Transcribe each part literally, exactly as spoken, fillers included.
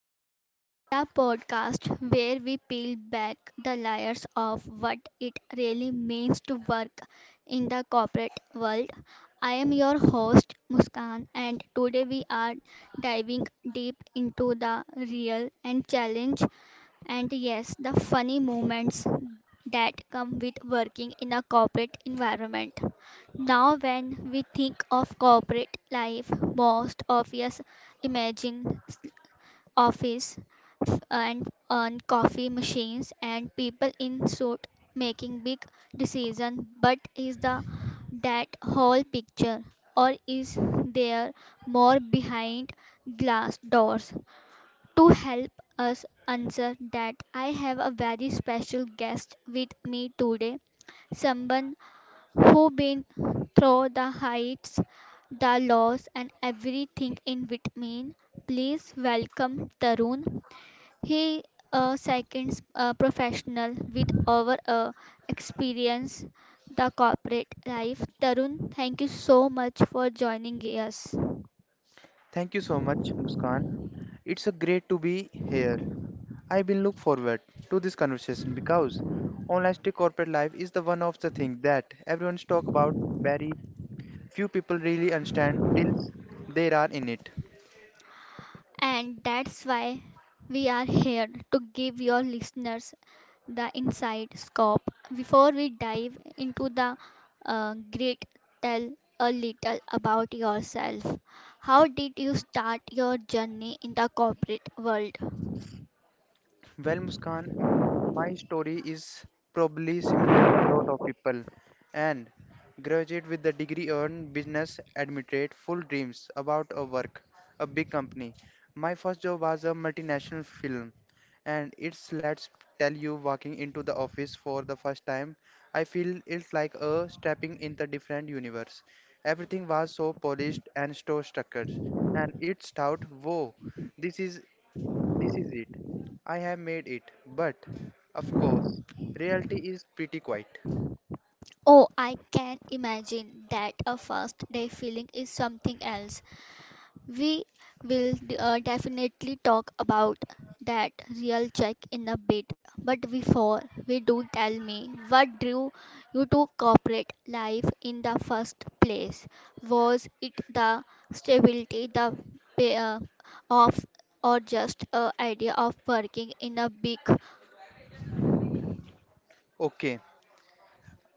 Life, the podcast where we peel back the layers of what it really means to work in the corporate world. I am your host Muskan and today we are diving deep into the real and challenge and yes, the funny moments that come with working in a corporate environment. Now, when we think of corporate life, most of us imagine office and and coffee machines and people in suit making big decisions. But is the that whole picture, or is there more behind glass doors? To help us answer that, I have a very special guest with me today. Someone who been through the heights, the lows, and everything in between. Please welcome Tarun. He a second uh, professional with over uh, experience the corporate life. Tarun, thank you so much for joining us. Thank you so much, Muskan. It's a great to be here. I will look forward to this conversation because honesty corporate life is the one of the things that everyone's talk about very few people really understand till they are in it. And that's why we are here to give your listeners the inside scoop. Before we dive into the uh, grit, tell a little about yourself. How did you start your journey in the corporate world? Well, Muskan, m- my story is probably similar a lot of people. And graduate with the degree earned, business admitted, full dreams about a work, a big company. My first job was a multinational film, and it's let's tell you walking into the office for the first time, I feel it's like a stepping in the different universe. Everything was so polished and so structured, and it's thought, whoa, this is this is it. I have made it. But, of course, reality is pretty quiet. Oh, I can imagine that a first day feeling is something else. We will uh, definitely talk about that real check in a bit. But before we do, tell me what drew you to corporate life in the first place? Was it the stability, the pay, uh, of, or just a idea of working in a big. Okay,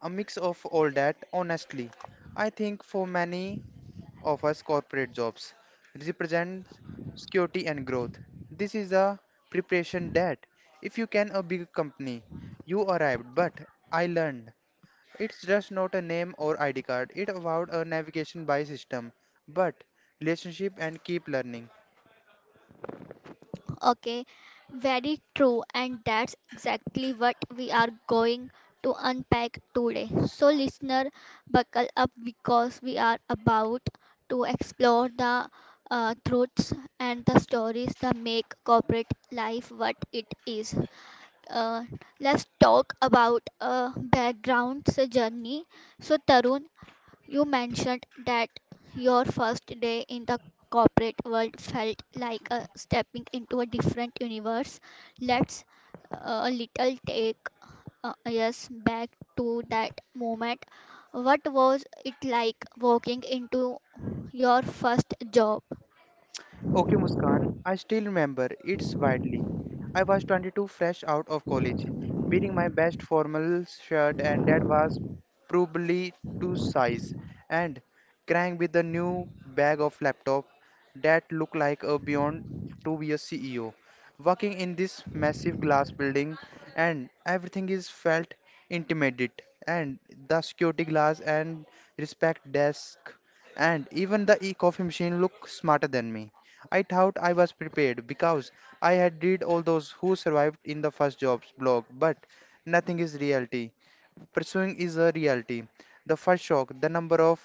a mix of all that, honestly. I think for many of us, corporate jobs represent security and growth. This is a preparation that, if you can, a big company, you arrived, but I learned. It's just not a name or I D card, it's about a navigation by system, but relationship and keep learning. Okay, very true, and that's exactly what we are going to unpack today. So, listener, buckle up because we are about to explore the uh, truths and the stories that make corporate life what it is. Uh, let's talk about a background's journey. So, Tarun, you mentioned that your first day in the corporate world felt like a stepping into a different universe. Let's uh, a little take uh, us back to that moment. What was it like walking into your first job? Okay, Muskan, I still remember it's widely. I was twenty-two fresh out of college, wearing my best formal shirt and that was probably two size and crying with a new bag of laptop that looked like a beyond to be a C E O. Working in this massive glass building and everything is felt intimate and the security glass and respect desk and even the e-coffee machine looked smarter than me. I thought I was prepared because I had read all those who survived in the first jobs blog, but nothing is reality. Pursuing is a reality. The first shock, the number of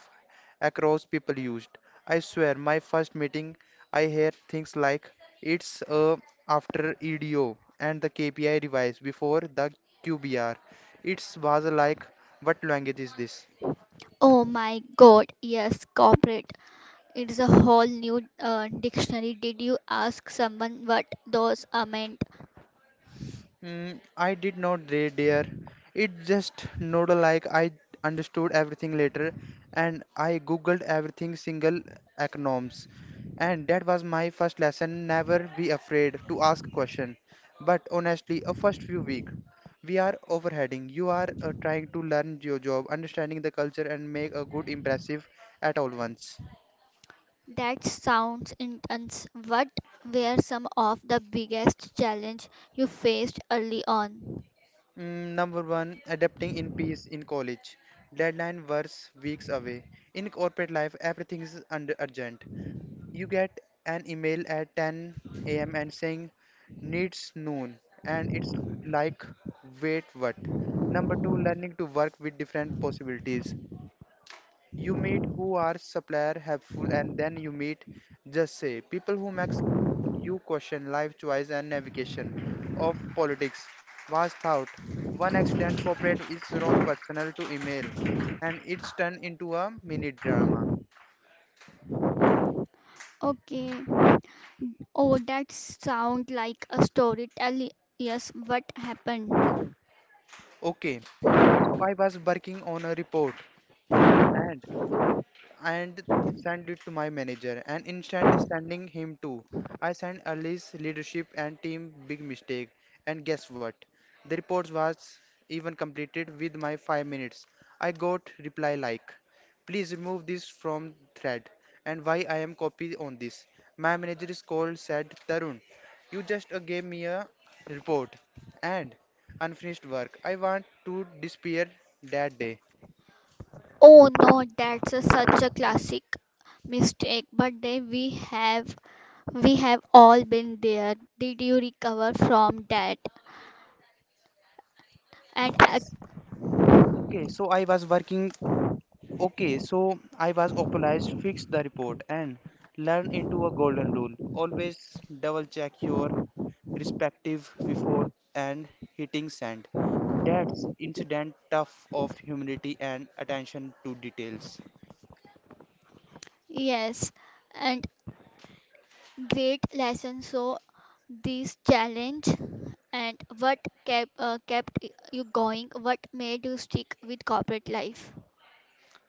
across people used. I swear, my first meeting, I hear things like it's uh, after E D O and the K P I revise before the Q B R. It's was like, what language is this? Oh my God, yes, corporate. It's a whole new uh, dictionary. Did you ask someone what those are meant? Mm, I did not read, dear. It just nodded like I understood everything later, and I googled everything single acronyms, and that was my first lesson. Never be afraid to ask question. But honestly, a first few week, we are overheading. You are uh, trying to learn your job, understanding the culture, and make a good impressive at all once. That sounds intense. What were some of the biggest challenge you faced early on? Mm, Number one, adapting in peace in college. Deadline was weeks away. In corporate life, everything is under urgent. You get an email at ten a m and saying needs noon, and it's like, wait, what? Number two, learning to work with different possibilities. You meet who are supplier helpful and then you meet just say people who makes you question life choice and navigation of politics. Was thought one accident corporate is wrong personal to email and it's turned into a mini drama. Okay. Oh, that sounds like a story. Tell. Yes, what happened. Okay, so I was working on a report and and sent it to my manager and instant sending him too. I sent Ali's leadership and team big mistake and guess what? The report was even completed with my five minutes. I got reply like please remove this from thread and why I am copied on this. My manager is called said Tarun. You just uh, gave me a report and unfinished work. I want to disappear that day. Oh no, that's a, such a classic mistake. But then we have we have all been there. Did you recover from that? And ac- Yes. Okay, so I was working Okay, so I was obliged fix the report and learn into a golden rule. Always double check your respective before and hitting send. That's incident tough of humility and attention to details. yes, and great lesson. So, this challenge and what kept uh, kept y- you going? What made you stick with corporate life?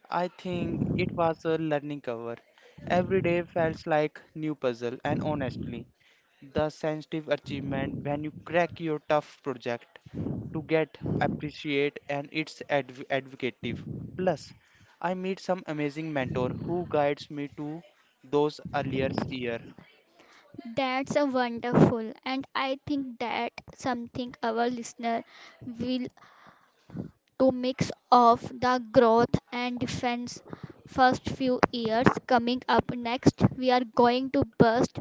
I think it was a learning cover. Every day felt like new puzzle and honestly, the sensitive achievement when you crack your tough project to get appreciate and it's adv- advocative. Plus, I meet some amazing mentor who guides me to those earlier year. That's a wonderful, and I think that something our listener will to mix of the growth and defense first few years. Coming up next we are going to burst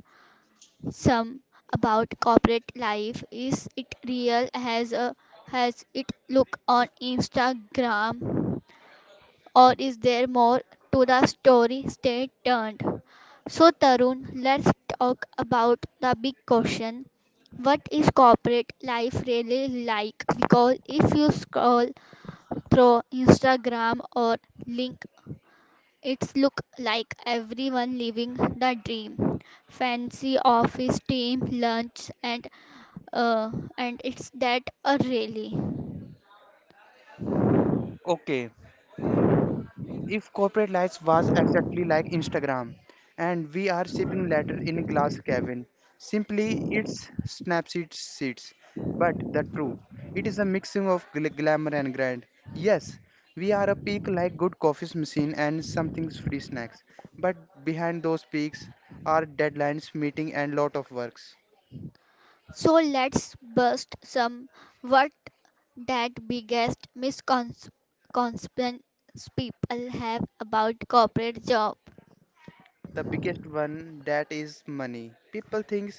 some about corporate life. Is it real? Has a, has it look on Instagram or is there more to the story? Stay tuned. So Tarun, let's talk about the big question. What is corporate life really like? Because if you scroll through Instagram or link it's look like everyone living the dream, fancy office team lunch and uh, and it's that uh, really. Okay, if corporate life was exactly like Instagram, and we are sipping later in glass cabin, simply it's Snapseed seats. But the true, it is a mixing of gl- glamour and grind. Yes, we are a peak like good coffee's machine and something's free snacks. But behind those peaks are deadlines, meeting, and lot of works. So let's bust some what that biggest misconceptions people have about corporate job. The biggest one that is money. People think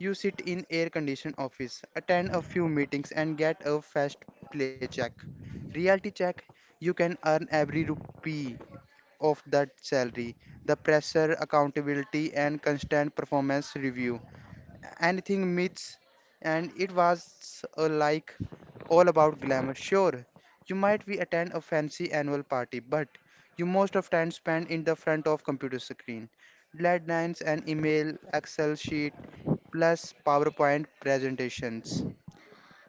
you sit in air conditioned office, attend a few meetings and get a fast play check. Reality check, you can earn every rupee of that salary. The pressure, accountability and constant performance review anything myths and it was uh, like all about glamour sure you might be attend a fancy annual party but you most of time spend in the front of computer screen deadlines and email excel sheet plus powerpoint presentations.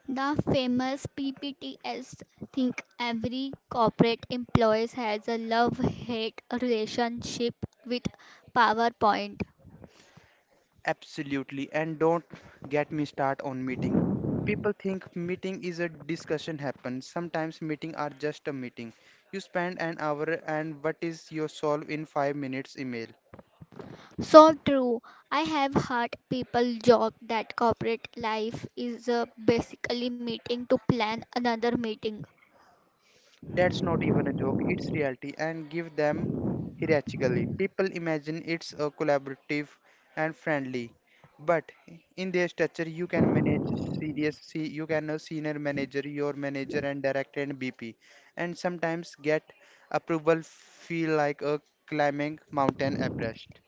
The famous P P T S think every corporate employee has a love-hate relationship with PowerPoint. Absolutely, and don't get me start on meeting. People think meeting is a discussion happen. Sometimes meeting are just a meeting. You spend an hour and what is your solve in five minutes email. So true. I have heard people joke that corporate life is uh, basically meeting to plan another meeting. That's not even a joke, it's reality and give them hierarchically. People imagine it's a collaborative and friendly, but in their structure you can manage serious see you can a senior manager, your manager and director and B P and sometimes get approval feel like a climbing mountain Everest.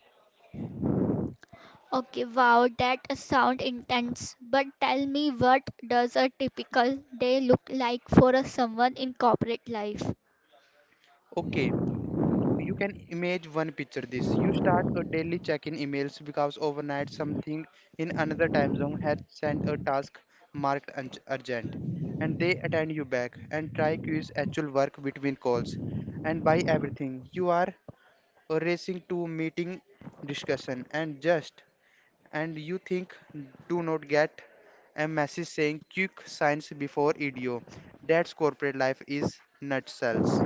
Okay, wow, that sound intense. But tell me, what does a typical day look like for a someone in corporate life? Okay, you can image one picture this you start a daily check-in emails because overnight something in another time zone had sent a task marked un- urgent and they attend you back and try quiz actual work between calls and by everything you are racing to meeting discussion and just and you think do not get a message saying quick signs before E D O that's corporate life is nutcells.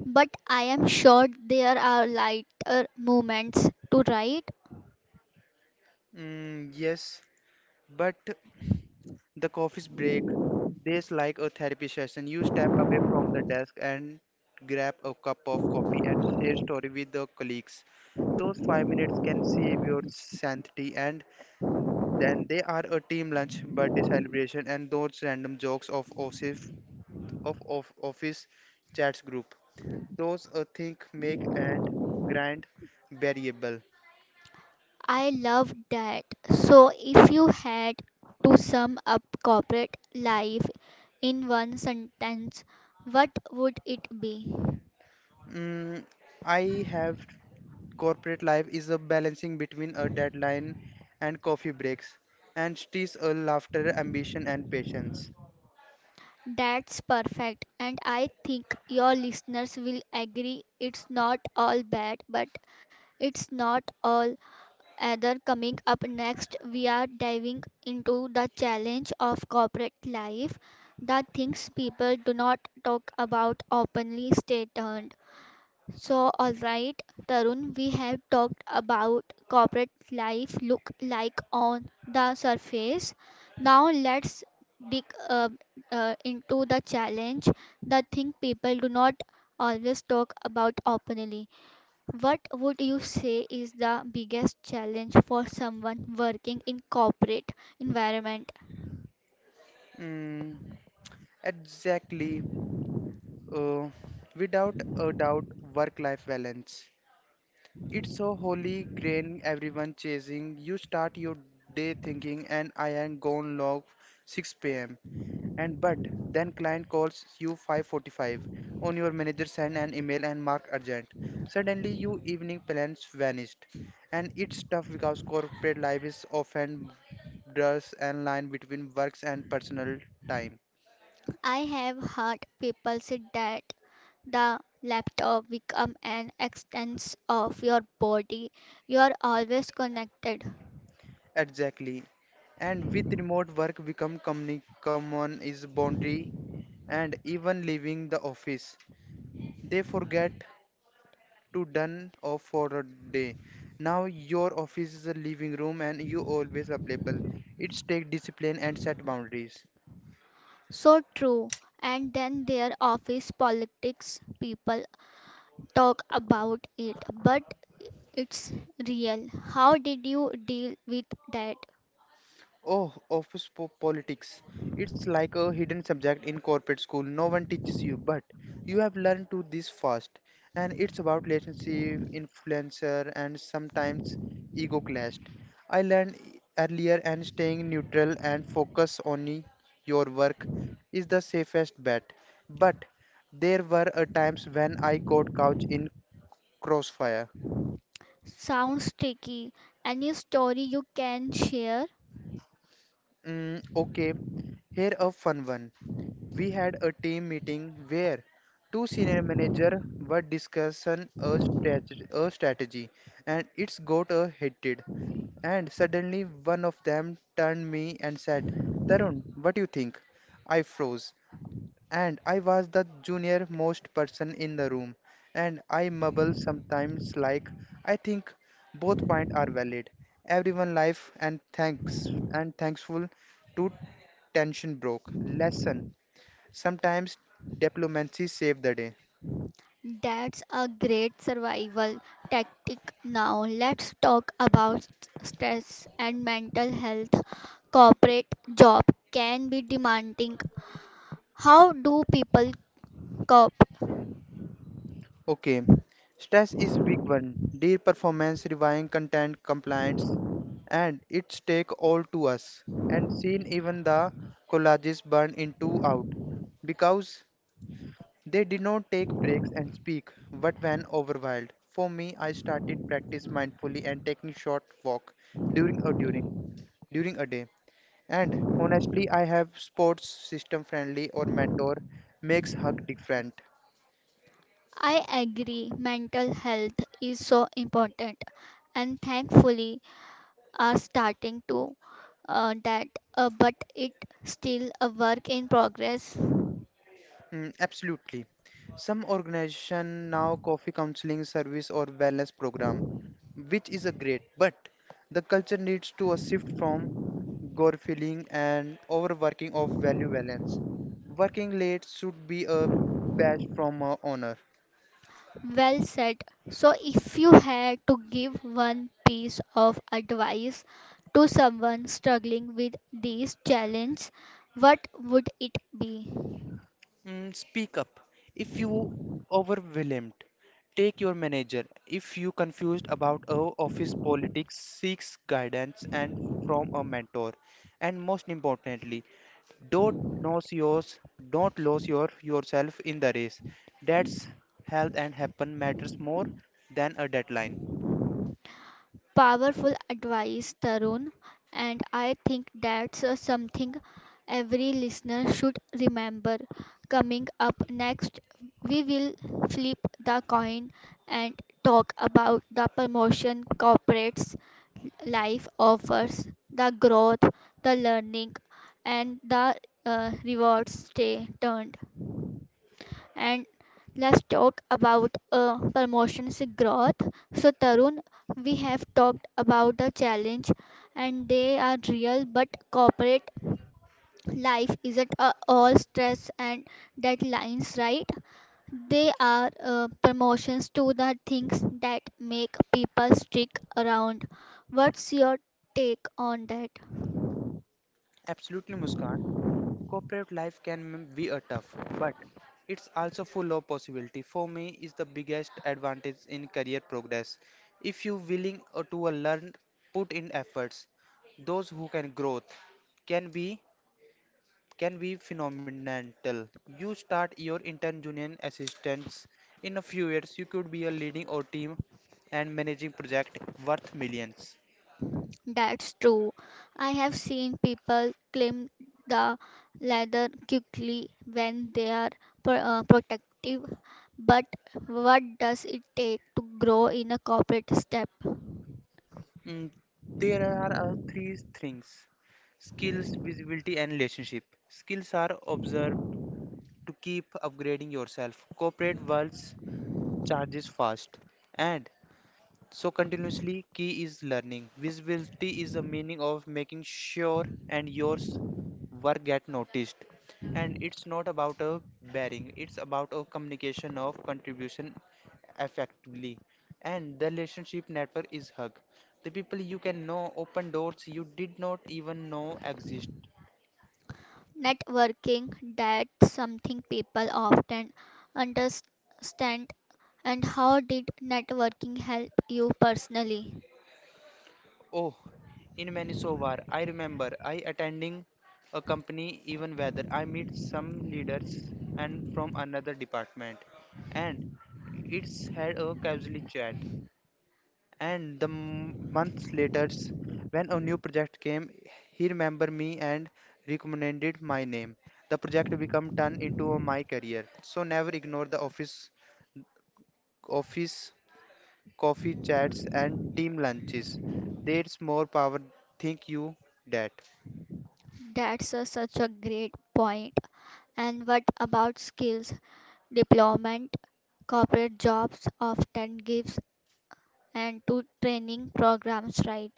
But I am sure there are lighter moments to write. Mm, yes. But the coffee's break, there's like a therapy session. You step away from the desk and grab a cup of coffee and share story with the colleagues. Those five minutes can save your sanity and then they are a team lunch, birthday celebration and those random jokes of office of, of office chats group. Those a think make and grind variable. I love that. So, if you had to sum up corporate life in one sentence, what would it be? Mm, I have. Corporate life is a balancing between a deadline and coffee breaks, and stress, a laughter, ambition, and patience. That's perfect. And I think your listeners will agree it's not all bad, but it's not all either. Coming up next, we are diving into the challenge of corporate life, the things people do not talk about openly. Stay tuned. So, all right, Tarun, we have talked about corporate life look like on the surface. Now, let's dig uh, uh, into the challenge, the thing people do not always talk about openly. What would you say is the biggest challenge for someone working in corporate environment? Mm, exactly. Uh, without a doubt, work-life balance. It's a holy grain everyone chasing. You start your day thinking, and I am gone log six p m. And but then client calls you five forty-five on your manager send an email and mark urgent. Suddenly your evening plans vanished. And it's tough because corporate life is often blurs and line between works and personal time. I have heard people say that the laptop become an extension of your body, you are always connected. Exactly. And with remote work become communi- common is boundary and even leaving the office. They forget to done off for a day. Now your office is a living room and you always available. It's take discipline and set boundaries. So true. And then their office politics, people talk about it, but it's real. How did you deal with that? Oh, office po- politics. It's like a hidden subject in corporate school. No one teaches you, but you have learned to this fast. And it's about relationship, influencer, and sometimes ego clashed. I learned earlier and staying neutral and focus on your work is the safest bet. But there were a times when I got caught in crossfire. Sounds tricky, any story you can share. Mm, okay, here a fun one. We had a team meeting where two senior managers were discussing a, strat- a strategy and it's got a heated. And suddenly one of them turned me and said, Tarun, what do you think? I froze. And I was the junior most person in the room. And I mumble sometimes like, I think both points are valid. Everyone life and thanks and thankful to tension broke. Lesson sometimes diplomacy save the day. That's a great survival tactic. Now, let's talk about stress and mental health. Corporate job can be demanding. How do people cope? Okay, stress is big one. Dear performance, reviewing content, compliance, and its take all to us. And seen even the collages burn into out because they did not take breaks and speak. But when overwhelmed, for me, I started practice mindfully and taking short walk during a during during a day. And honestly, I have sports system friendly or mentor makes hug different. I agree, mental health is so important, and thankfully are starting to uh, that, uh, but it still a work in progress. Mm, absolutely. Some organization now coffee counseling service or wellness program, which is a great, but the culture needs to a shift from gore feeling and overworking of value balance. Working late should be a badge from a honor. Well said. So, if you had to give one piece of advice to someone struggling with these challenges, what would it be? Mm, speak up if you overwhelmed. Take your manager. If you confused about a office politics, seek guidance and from a mentor. And most importantly, don't lose yours, don't lose your yourself in the race. That's health and happen matters more than a deadline. Powerful advice, Tarun, and I think that's uh, something every listener should remember. Coming up next, we will flip the coin and talk about the promotion corporates life offers, the growth, the learning, and the uh, rewards stay turned. And let's talk about uh, promotions growth. So, Tarun, we have talked about the challenge and they are real, but corporate life isn't uh, all stress and deadlines, right? They are uh, promotions to the things that make people stick around. What's your take on that? Absolutely, Muskan. Corporate life can be a tough, but it's also full of possibility. For me, is the biggest advantage in career progress. If you willing uh, to uh, learn, put in efforts. Those who can growth can be can be phenomenal. You start your intern junior assistants. In a few years, you could be a leading or team and managing project worth millions. That's true. I have seen people climb the ladder quickly when they are pro- uh, protective, but what does it take to grow in a corporate step? Mm, there are uh, three things: skills, visibility, and relationship. Skills are observed to keep upgrading yourself. Corporate worlds charges fast, and so continuously key is learning. Visibility is the meaning of making sure and yours work get noticed. And it's not about a bearing, it's about a communication of contribution effectively. And the relationship network is hug. The people you can know open doors you did not even know exist. Networking, that's something people often understand. And how did networking help you personally? Oh, in Manitoba, I remember I attending a company even whether I meet some leaders and from another department, and it's had a casual chat. And the m- months later, when a new project came, he remember me and recommended my name. The project become turned into a my career. So never ignore the office office coffee chats, and team lunches. There's more power think you that. That's a, such a great point. And what about skills? Deployment, corporate jobs often gives and to training programs, right?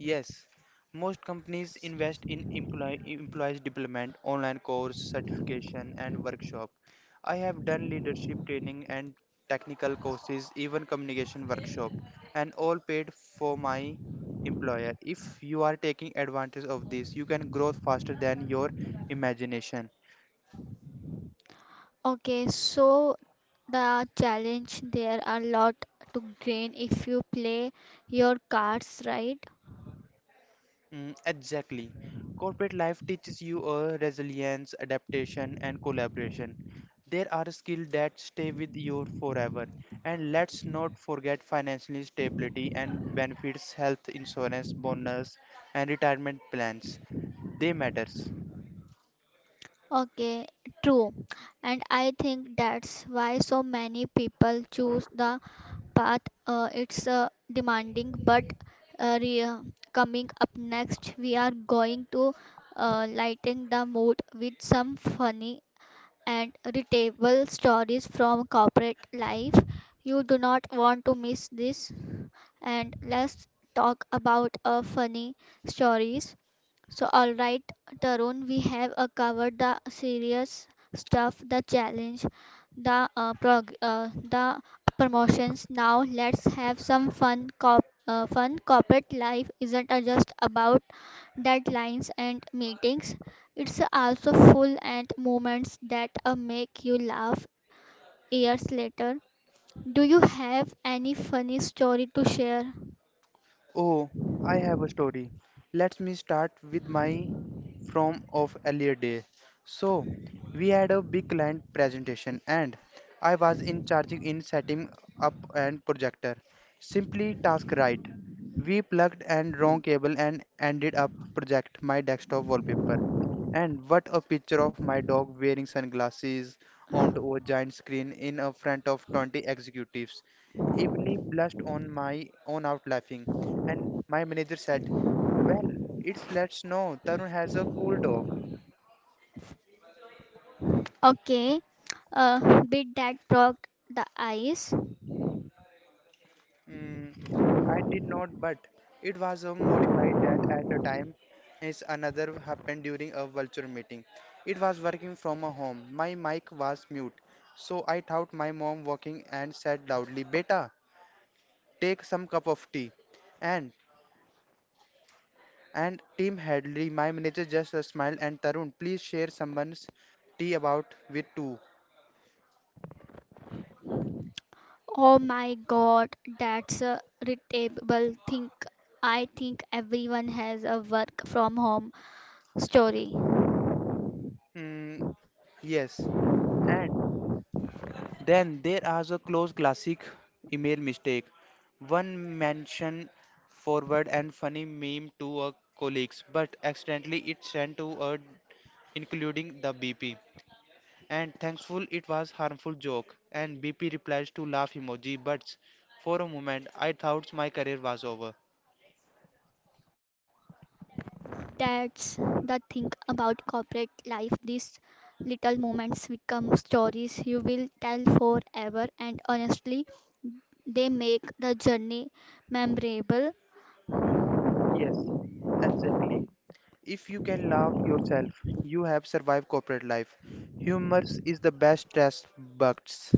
Yes, most companies invest in employee employees development, online course, certification, and workshop. I have done leadership training and technical courses, even communication workshop, and all paid for my employer. If you are taking advantage of this, you can grow faster than your imagination. Okay, so the challenge there are lot to gain if you play your cards right. Mm, exactly. Corporate life teaches you uh, resilience, adaptation, and collaboration. There are skills that stay with you forever. And let's not forget financial stability and benefits, health insurance, bonus, and retirement plans. They matters. Okay, true. And I think that's why so many people choose the path. Uh, it's uh, demanding, but uh, re- uh, coming up next, we are going to uh, lighten the mood with some funny and relatable stories from corporate life. You do not want to miss this. And let's talk about a funny stories. So, all right, Tarun, we have uh, covered the serious stuff, the challenge, the uh, prog- uh, the promotions. Now, let's have some fun. Cop- uh, fun corporate life isn't uh, just about deadlines and meetings. It's also full and moments that uh, make you laugh years later. Do you have any funny story to share? Oh, I have a story. Let me start with my from of earlier day. So, we had a big client presentation and I was in charging in setting up and projector. Simply task right. We plugged and wrong cable and ended up project my desktop wallpaper. And what a picture of my dog wearing sunglasses onto a giant screen in a front of twenty executives. Evenly blushed on my own out laughing. And my manager said, well, it lets know Tarun has a cool dog. Okay, uh, bit that broke the ice. Mm, I did not, but it was um, modified that at a time is another happened during a vulture meeting. It was working from a home. My mic was mute. So I thought my mom walking and said loudly, Beta, take some cup of tea. And and team Hadley, my manager just uh, smiled and Tarun, please share someone's tea about with two. Oh my god, that's a relatable thing. I think everyone has a work from home story. Mm, yes, and then there are the close classic email mistake. One mention forward and funny meme to a colleagues, but accidentally it sent to a including the B P. And thankful it was harmful joke and B P replies to laugh emoji, but for a moment I thought my career was over. That's the thing about corporate life. These little moments become stories you will tell forever, and honestly they make the journey memorable. Yes, exactly. If you can laugh yourself, you have survived corporate life. Humor is the best test bugs.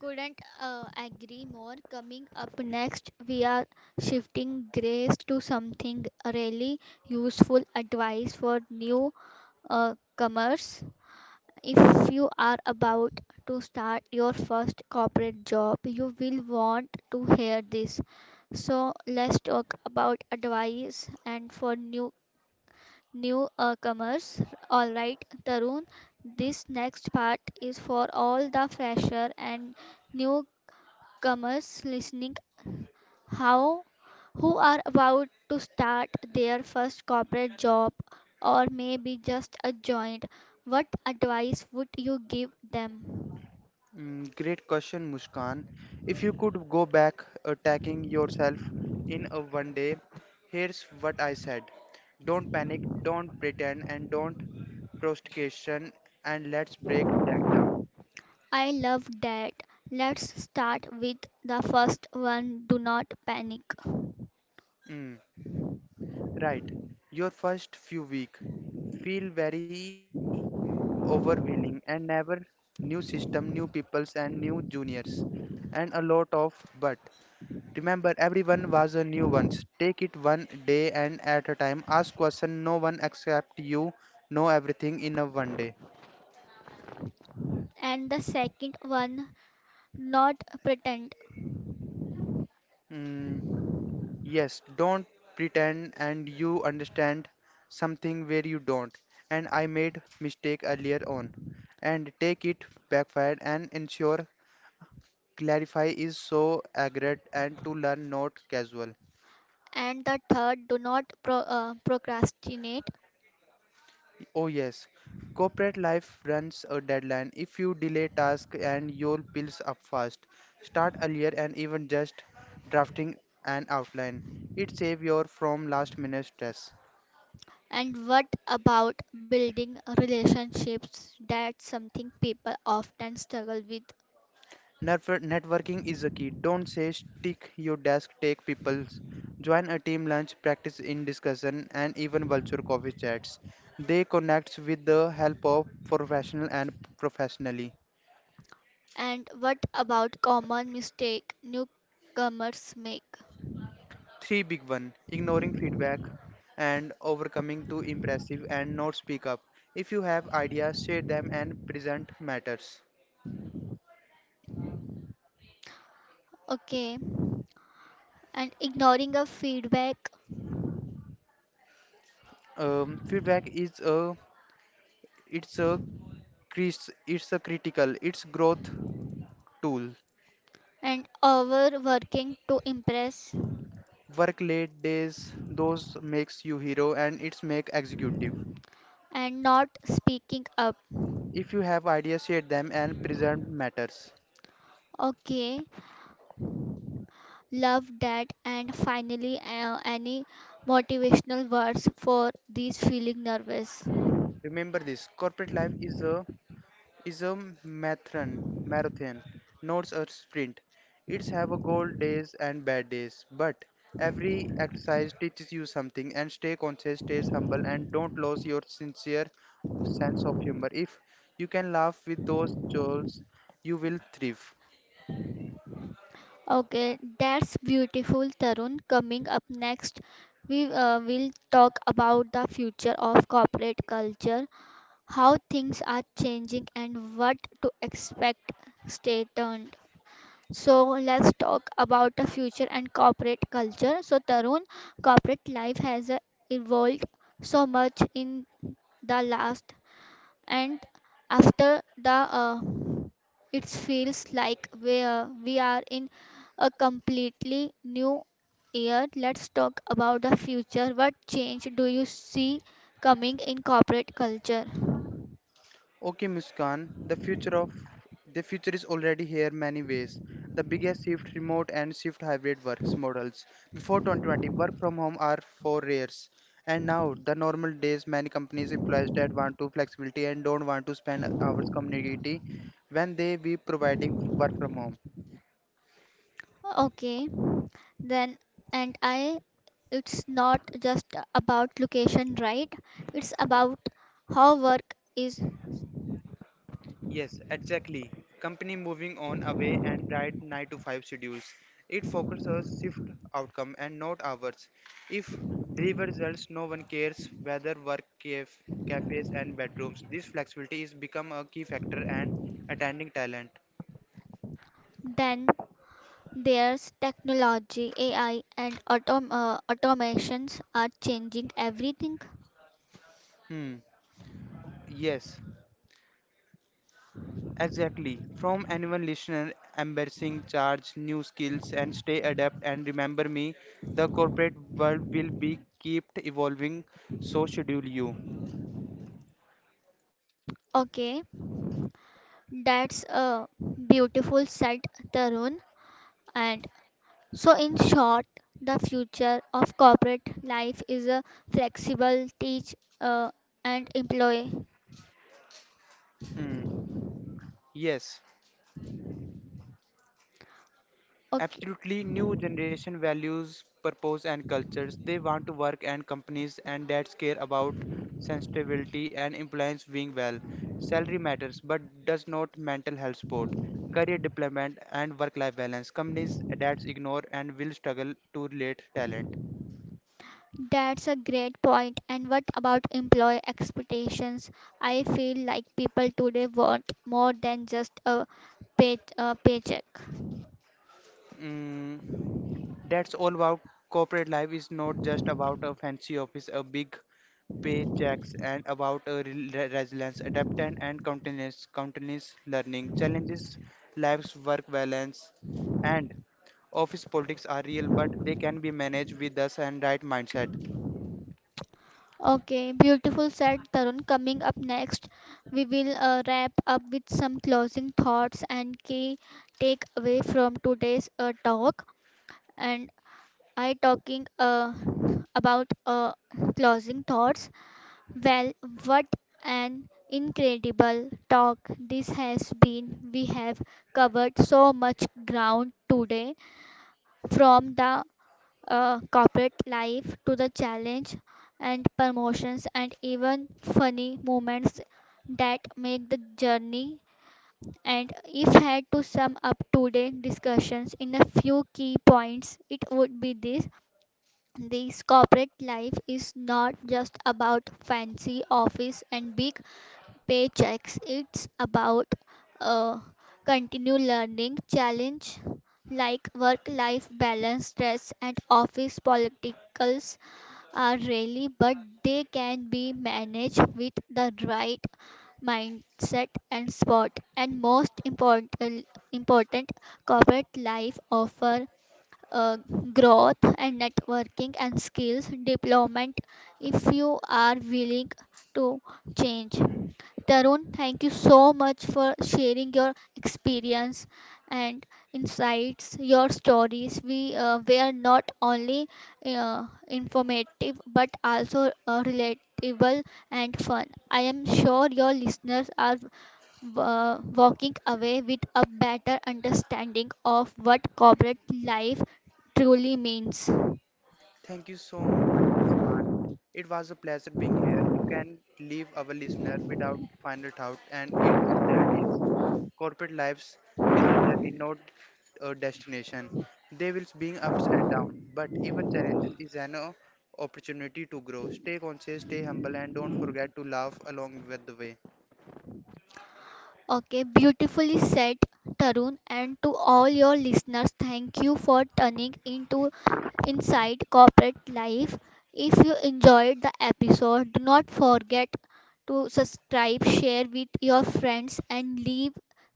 Couldn't uh, agree more. Coming up next, we are shifting grace to something really useful advice for new uh, comers. If you are about to start your first corporate job, you will want to hear this. So let's talk about advice and for new new uh, comers. All right, Tarun, this next part is for all the fresher and new comers listening, how who are about to start their first corporate job or maybe just a joint. What advice would you give them? Mm, great question, Muskan. If you could go back attacking yourself in a one day, here's what I said. Don't panic, don't pretend, and don't procrastination, and let's break that down. I love that. Let's start with the first one, do not panic. Mm, right. Your first few weeks feel very overwhelming and never new system, new peoples, and new juniors, and a lot of but. Remember, everyone was a new once. Take it one day and at a time. Ask question no one except you know everything in a one day. And the second one, not pretend. Mm, yes, don't pretend and you understand something where you don't. And I made mistake earlier on. And take it backfired and ensure clarify is so accurate and to learn not casual. And the third, do not pro, uh, procrastinate. Oh yes, corporate life runs a deadline. If you delay tasks and your pills up fast, start earlier and even just drafting an outline. It saves you from last minute stress. And what about building relationships? That's something people often struggle with. Network- Networking is a key. Don't say stick your desk, take people's. Join a team lunch, practice in discussion, and even virtual coffee chats. They connect with the help of professional and professionally. And what about common mistake newcomers make? Three big one, ignoring feedback and overcoming too impressive and not speak up. If you have ideas, share them and present matters. Okay. And ignoring of feedback Um, feedback is a it's a cris- it's a critical it's growth tool. and overworking to impress Work late days those makes you hero and it's make executive. and not speaking up. If you have ideas, share them and present matters. Okay. Love that. And finally, uh, any motivational words for these feeling nervous? Remember this: corporate life is a is a marathon, marathon, not a sprint. It's have a goal days and bad days, but every exercise teaches you something and stay conscious, stay humble and don't lose your sincere sense of humor. If you can laugh with those trolls, you will thrive. Okay, that's beautiful, Tarun. Coming up next, we uh, will talk about the future of corporate culture, how things are changing, and what to expect. Stay tuned. So, let's talk about the future and corporate culture. So, Tarun, corporate life has uh, evolved so much in the last and after the uh, it feels like we, uh, we are in a completely new year. Let's talk about the future, what change do you see coming in corporate culture. Okay, Muskan, the future of the future is already here many ways. The biggest shift remote and shift hybrid works models. Before twenty twenty, work from home are for rares. And now the normal days many companies employees that want to flexibility and don't want to spend hours community when they be providing work from home. Okay, then and I it's not just about location, right? It's about how work is Yes, exactly. Company moving on away and right nine to five schedules. It focuses shift outcome and not hours. If deliver results, no one cares whether work caf- cafes and bedrooms. This flexibility is become a key factor and attending talent. done. There's technology, A I, and autom- uh, automations are changing everything. Hmm. Yes, exactly. From anyone listener, embarrassing charge, new skills, and stay adapt. And remember me, the corporate world will be kept evolving. So schedule you. Okay, that's a beautiful said, Tarun. And so, in short, the future of corporate life is a flexible teach uh, and employee. Hmm. Yes, Okay, absolutely. New generation values, purpose, and cultures. They want to work and companies and dads care about sensitivity and employees being well. Salary matters, but does not mental health support, career deployment, and work-life balance. Companies dads ignore and will struggle to relate talent. that's a great point. And what about employee expectations? I feel like people today want more than just a pay- uh, paycheck. Mm, that's all about corporate life is not just about a fancy office, a big paychecks, and about a re- resilience, adaptation, and continuous continuous learning. Challenges, life's work balance, and office politics are real, but they can be managed with us and right mindset. Okay, beautiful said Tarun. Coming up next, we will uh, wrap up with some closing thoughts and key takeaway from today's uh, talk. And I talking uh, about uh, closing thoughts. Well, what an incredible talk this has been. We have covered so much ground today, from the uh, corporate life to the challenge and promotions and even funny moments that make the journey. And if had to sum up today's discussions in a few key points, it would be this, this corporate life is not just about fancy office and big paychecks. It's about uh, continued learning, challenge like work-life balance, stress, and office politicals are really, but they can be managed with the right mindset and spot. And most important, important corporate life offer uh, growth and networking and skills development if you are willing to change. Tarun, thank you so much for sharing your experience and insights, your stories. We uh, were not only uh, informative but also uh, relatable and fun. I am sure your listeners are uh, walking away with a better understanding of what corporate life truly means. Thank you so much, Muskan. It was a pleasure being here. You can leave our listener without final thought, and it's that is corporate lives is a journey, not a destination. There will be ups and downs, but even challenges is an uh, opportunity to grow. Stay conscious, stay humble, and don't forget to laugh along with the way. Okay, beautifully said, Tarun. And to all your listeners, thank you for turning into inside corporate life. If you enjoyed the episode, do not forget to subscribe, share with your friends, and leave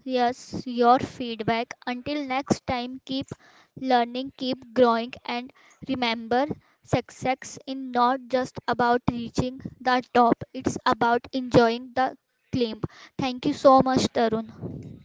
us your feedback. Until next time, keep learning, keep growing, and remember success is not just about reaching the top, it's about enjoying the climb. Thank you so much, Tarun.